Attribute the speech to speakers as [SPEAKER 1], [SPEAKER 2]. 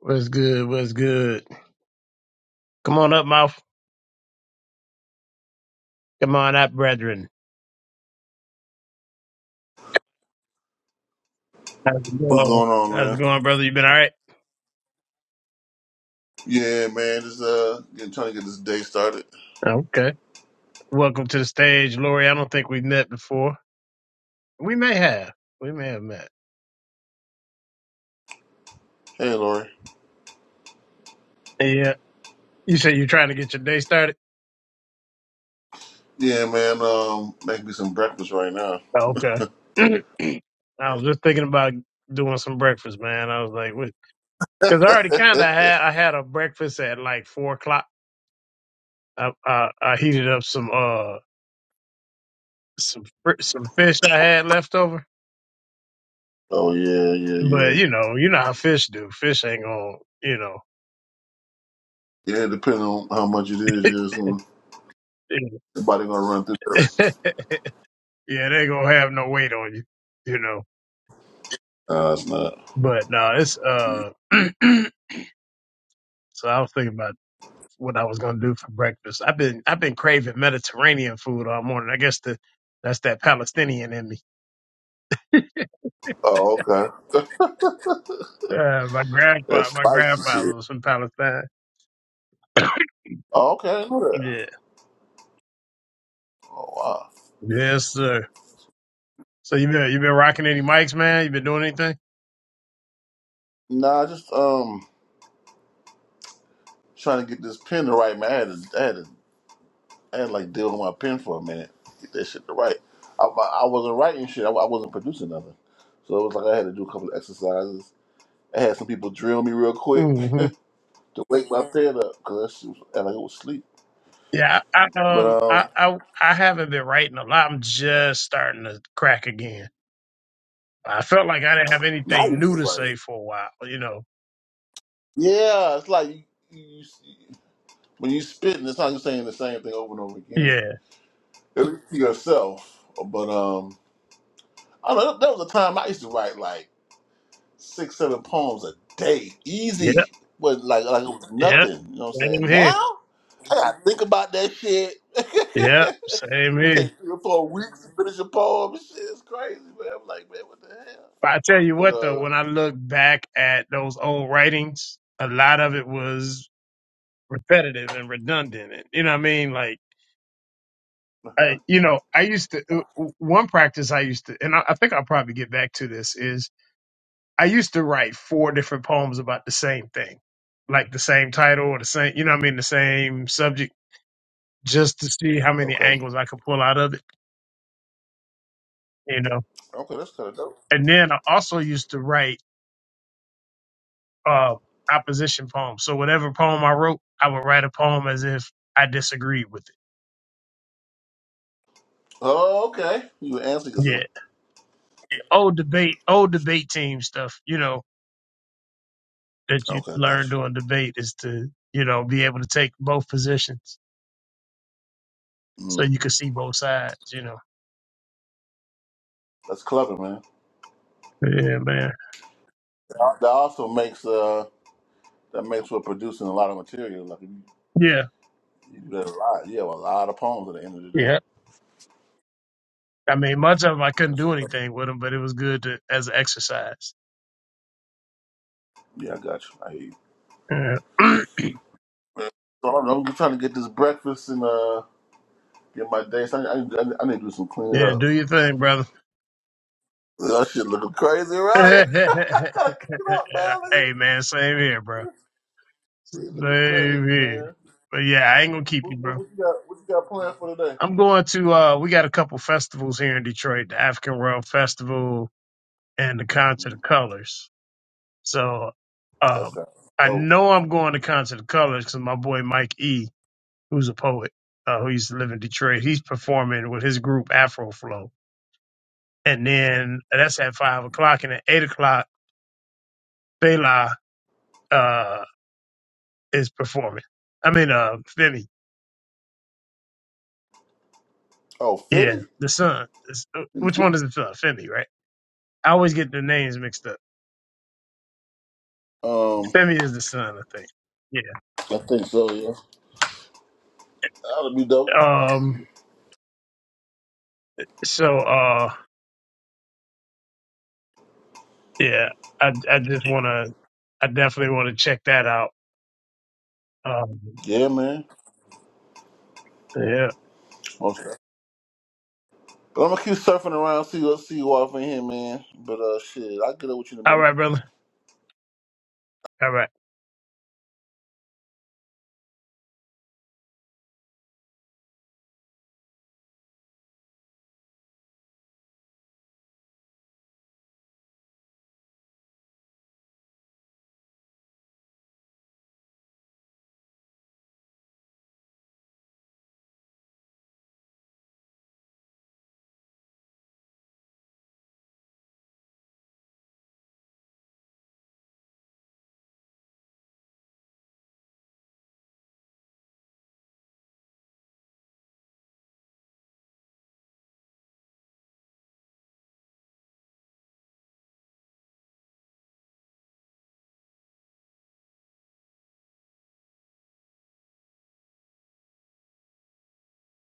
[SPEAKER 1] What's good? What's good? Come on up, mouth. Come on up, brethren. How's it
[SPEAKER 2] What's
[SPEAKER 1] going?
[SPEAKER 2] going on,
[SPEAKER 1] How's it
[SPEAKER 2] man?
[SPEAKER 1] going, brother? You been all right?
[SPEAKER 2] Yeah, man, just uh, getting, trying to get this day started.
[SPEAKER 1] Okay. Welcome to the stage, Lori. I don't think we've met before. We may have. We may have met.
[SPEAKER 2] Hey, Lori.
[SPEAKER 1] Yeah. You said you're trying to get your day started?
[SPEAKER 2] Yeah, man, um, make me some breakfast right now.
[SPEAKER 1] Oh, Okay. I was just thinking about doing some breakfast, man. I was like, because I already kind of had I had a breakfast at like four o'clock. I, I I heated up some uh some fr- some fish I had left over
[SPEAKER 2] oh yeah, yeah,
[SPEAKER 1] But
[SPEAKER 2] yeah,
[SPEAKER 1] you know, you know how fish do. Fish ain't gonna, you know,
[SPEAKER 2] yeah. Depending on how much it is, yeah, it's gonna, the body gonna run through there.
[SPEAKER 1] yeah, they ain't gonna have no weight on you, you know.
[SPEAKER 2] No, it's not.
[SPEAKER 1] But no, it's uh. so I was thinking about what I was gonna do for breakfast. I've been I've been craving Mediterranean food all morning. I guess the that's that Palestinian in me.
[SPEAKER 2] Oh, okay.
[SPEAKER 1] Uh, my
[SPEAKER 2] That's
[SPEAKER 1] grandfather, my
[SPEAKER 2] spicy
[SPEAKER 1] grandfather
[SPEAKER 2] shit.
[SPEAKER 1] was from Palestine.
[SPEAKER 2] Oh, okay, I know that.
[SPEAKER 1] Yeah.
[SPEAKER 2] Oh wow.
[SPEAKER 1] Yes, sir. So you been you been rocking any mics, man? You been doing anything?
[SPEAKER 2] Nah, just um, trying to get this pen the right man. I had to, I had to I had to, like deal with my pen for a minute. Get that shit to write. I, I wasn't writing shit. I, I wasn't producing nothing. So it was like I had to do a couple of exercises. I had some people drill me real quick to wake my pen up because that shit was, and I was sleep.
[SPEAKER 1] Yeah, I, I, um,
[SPEAKER 2] But um,
[SPEAKER 1] I, I, I haven't been writing a lot. I'm just starting to crack again. I felt like I didn't have
[SPEAKER 2] now you
[SPEAKER 1] anything new
[SPEAKER 2] can
[SPEAKER 1] to
[SPEAKER 2] write. it.
[SPEAKER 1] say for a while, you know.
[SPEAKER 2] Yeah, it's like you, you, you when you spitting, it's not just saying the same thing over and over again.
[SPEAKER 1] Yeah,
[SPEAKER 2] At least to yourself. But um, I don't know. That was a time I used to write like. six, seven poems a day,
[SPEAKER 1] yep,
[SPEAKER 2] easy. But like, like it was
[SPEAKER 1] yep.
[SPEAKER 2] nothing. You know what I'm
[SPEAKER 1] Same
[SPEAKER 2] saying? Now
[SPEAKER 1] here.
[SPEAKER 2] I gotta think about that shit.
[SPEAKER 1] Yep, same here.
[SPEAKER 2] Take three or four weeks to finish a poem. Shit is crazy, man. I'm like, man, what the hell?
[SPEAKER 1] But I tell you
[SPEAKER 2] But
[SPEAKER 1] what, though,
[SPEAKER 2] uh,
[SPEAKER 1] when I look back at those old writings, a lot of it was repetitive and redundant. And, you know what I mean? Like, I, you know, I used to, uh, one practice I used to, and I, I think I'll probably get back to this is I used to write four different poems about the same thing, like the same title or the same, you know what I mean, the same subject, just to see how many
[SPEAKER 2] okay,
[SPEAKER 1] angles I could pull out of it, you know.
[SPEAKER 2] okay, that's kind of dope.
[SPEAKER 1] And then I also used to write uh, opposition poems. So whatever poem I wrote, I would write a poem as if I disagreed with it.
[SPEAKER 2] Oh, okay, you were answering yourself.
[SPEAKER 1] Yeah, old debate, old debate team stuff, you know, that you
[SPEAKER 2] Okay,
[SPEAKER 1] learn
[SPEAKER 2] gotcha.
[SPEAKER 1] during debate is to, you know, be able to take both positions so
[SPEAKER 2] Mm.
[SPEAKER 1] you can see both sides, you know.
[SPEAKER 2] That's clever, man.
[SPEAKER 1] Yeah, man.
[SPEAKER 2] That that also makes uh, that makes for producing a lot of material. Like you
[SPEAKER 1] Yeah.
[SPEAKER 2] you do that a lot. You have a lot of poems at the end of the day.
[SPEAKER 1] yeah. I mean, much of them I couldn't
[SPEAKER 2] That's
[SPEAKER 1] do
[SPEAKER 2] clever.
[SPEAKER 1] anything with them, but it was good to, as an exercise.
[SPEAKER 2] yeah, I got you. I hear you.
[SPEAKER 1] Yeah,
[SPEAKER 2] man. So I do I'm trying to get this breakfast and uh, get my day. So I, I, I need to do some cleaning
[SPEAKER 1] Yeah,
[SPEAKER 2] up.
[SPEAKER 1] do your thing, brother.
[SPEAKER 2] That shit looking crazy around
[SPEAKER 1] hey,
[SPEAKER 2] here. I gotta clean up, man. Look at- this
[SPEAKER 1] man, same here, bro.
[SPEAKER 2] shit Looking
[SPEAKER 1] Same
[SPEAKER 2] crazy,
[SPEAKER 1] here.
[SPEAKER 2] man.
[SPEAKER 1] But yeah, I ain't gonna keep
[SPEAKER 2] What,
[SPEAKER 1] you,
[SPEAKER 2] what,
[SPEAKER 1] bro.
[SPEAKER 2] what you got? What you got planned for today?
[SPEAKER 1] I'm going to. uh We got a couple festivals here in Detroit: the African World Festival and the Concert
[SPEAKER 2] Mm,
[SPEAKER 1] of Colors. So,
[SPEAKER 2] that
[SPEAKER 1] um
[SPEAKER 2] sounds
[SPEAKER 1] I
[SPEAKER 2] dope.
[SPEAKER 1] know I'm going to Concert of Colors because my boy Mike E, who's a poet, uh, who used to live in Detroit, he's performing with his group Afro Flow. and then that's at five o'clock, and at eight o'clock, Bela uh, is performing. I mean, uh, Femi,
[SPEAKER 2] Oh,
[SPEAKER 1] yeah,
[SPEAKER 2] fifty?
[SPEAKER 1] the son. It's- uh, Which one is the son? Femi, right? I always get the names mixed up.
[SPEAKER 2] Um,
[SPEAKER 1] Femi is the son, I think. Yeah.
[SPEAKER 2] I think so. Yeah, that'll be dope.
[SPEAKER 1] Um. So, uh, yeah, I I just wanna, I definitely wanna check that out. Um.
[SPEAKER 2] Yeah, man.
[SPEAKER 1] Yeah.
[SPEAKER 2] Okay. But I'm gonna keep surfing around, see what see you off in here, man. But uh, shit, I'll get up with you in a
[SPEAKER 1] All
[SPEAKER 2] minute.
[SPEAKER 1] right, brother. All right.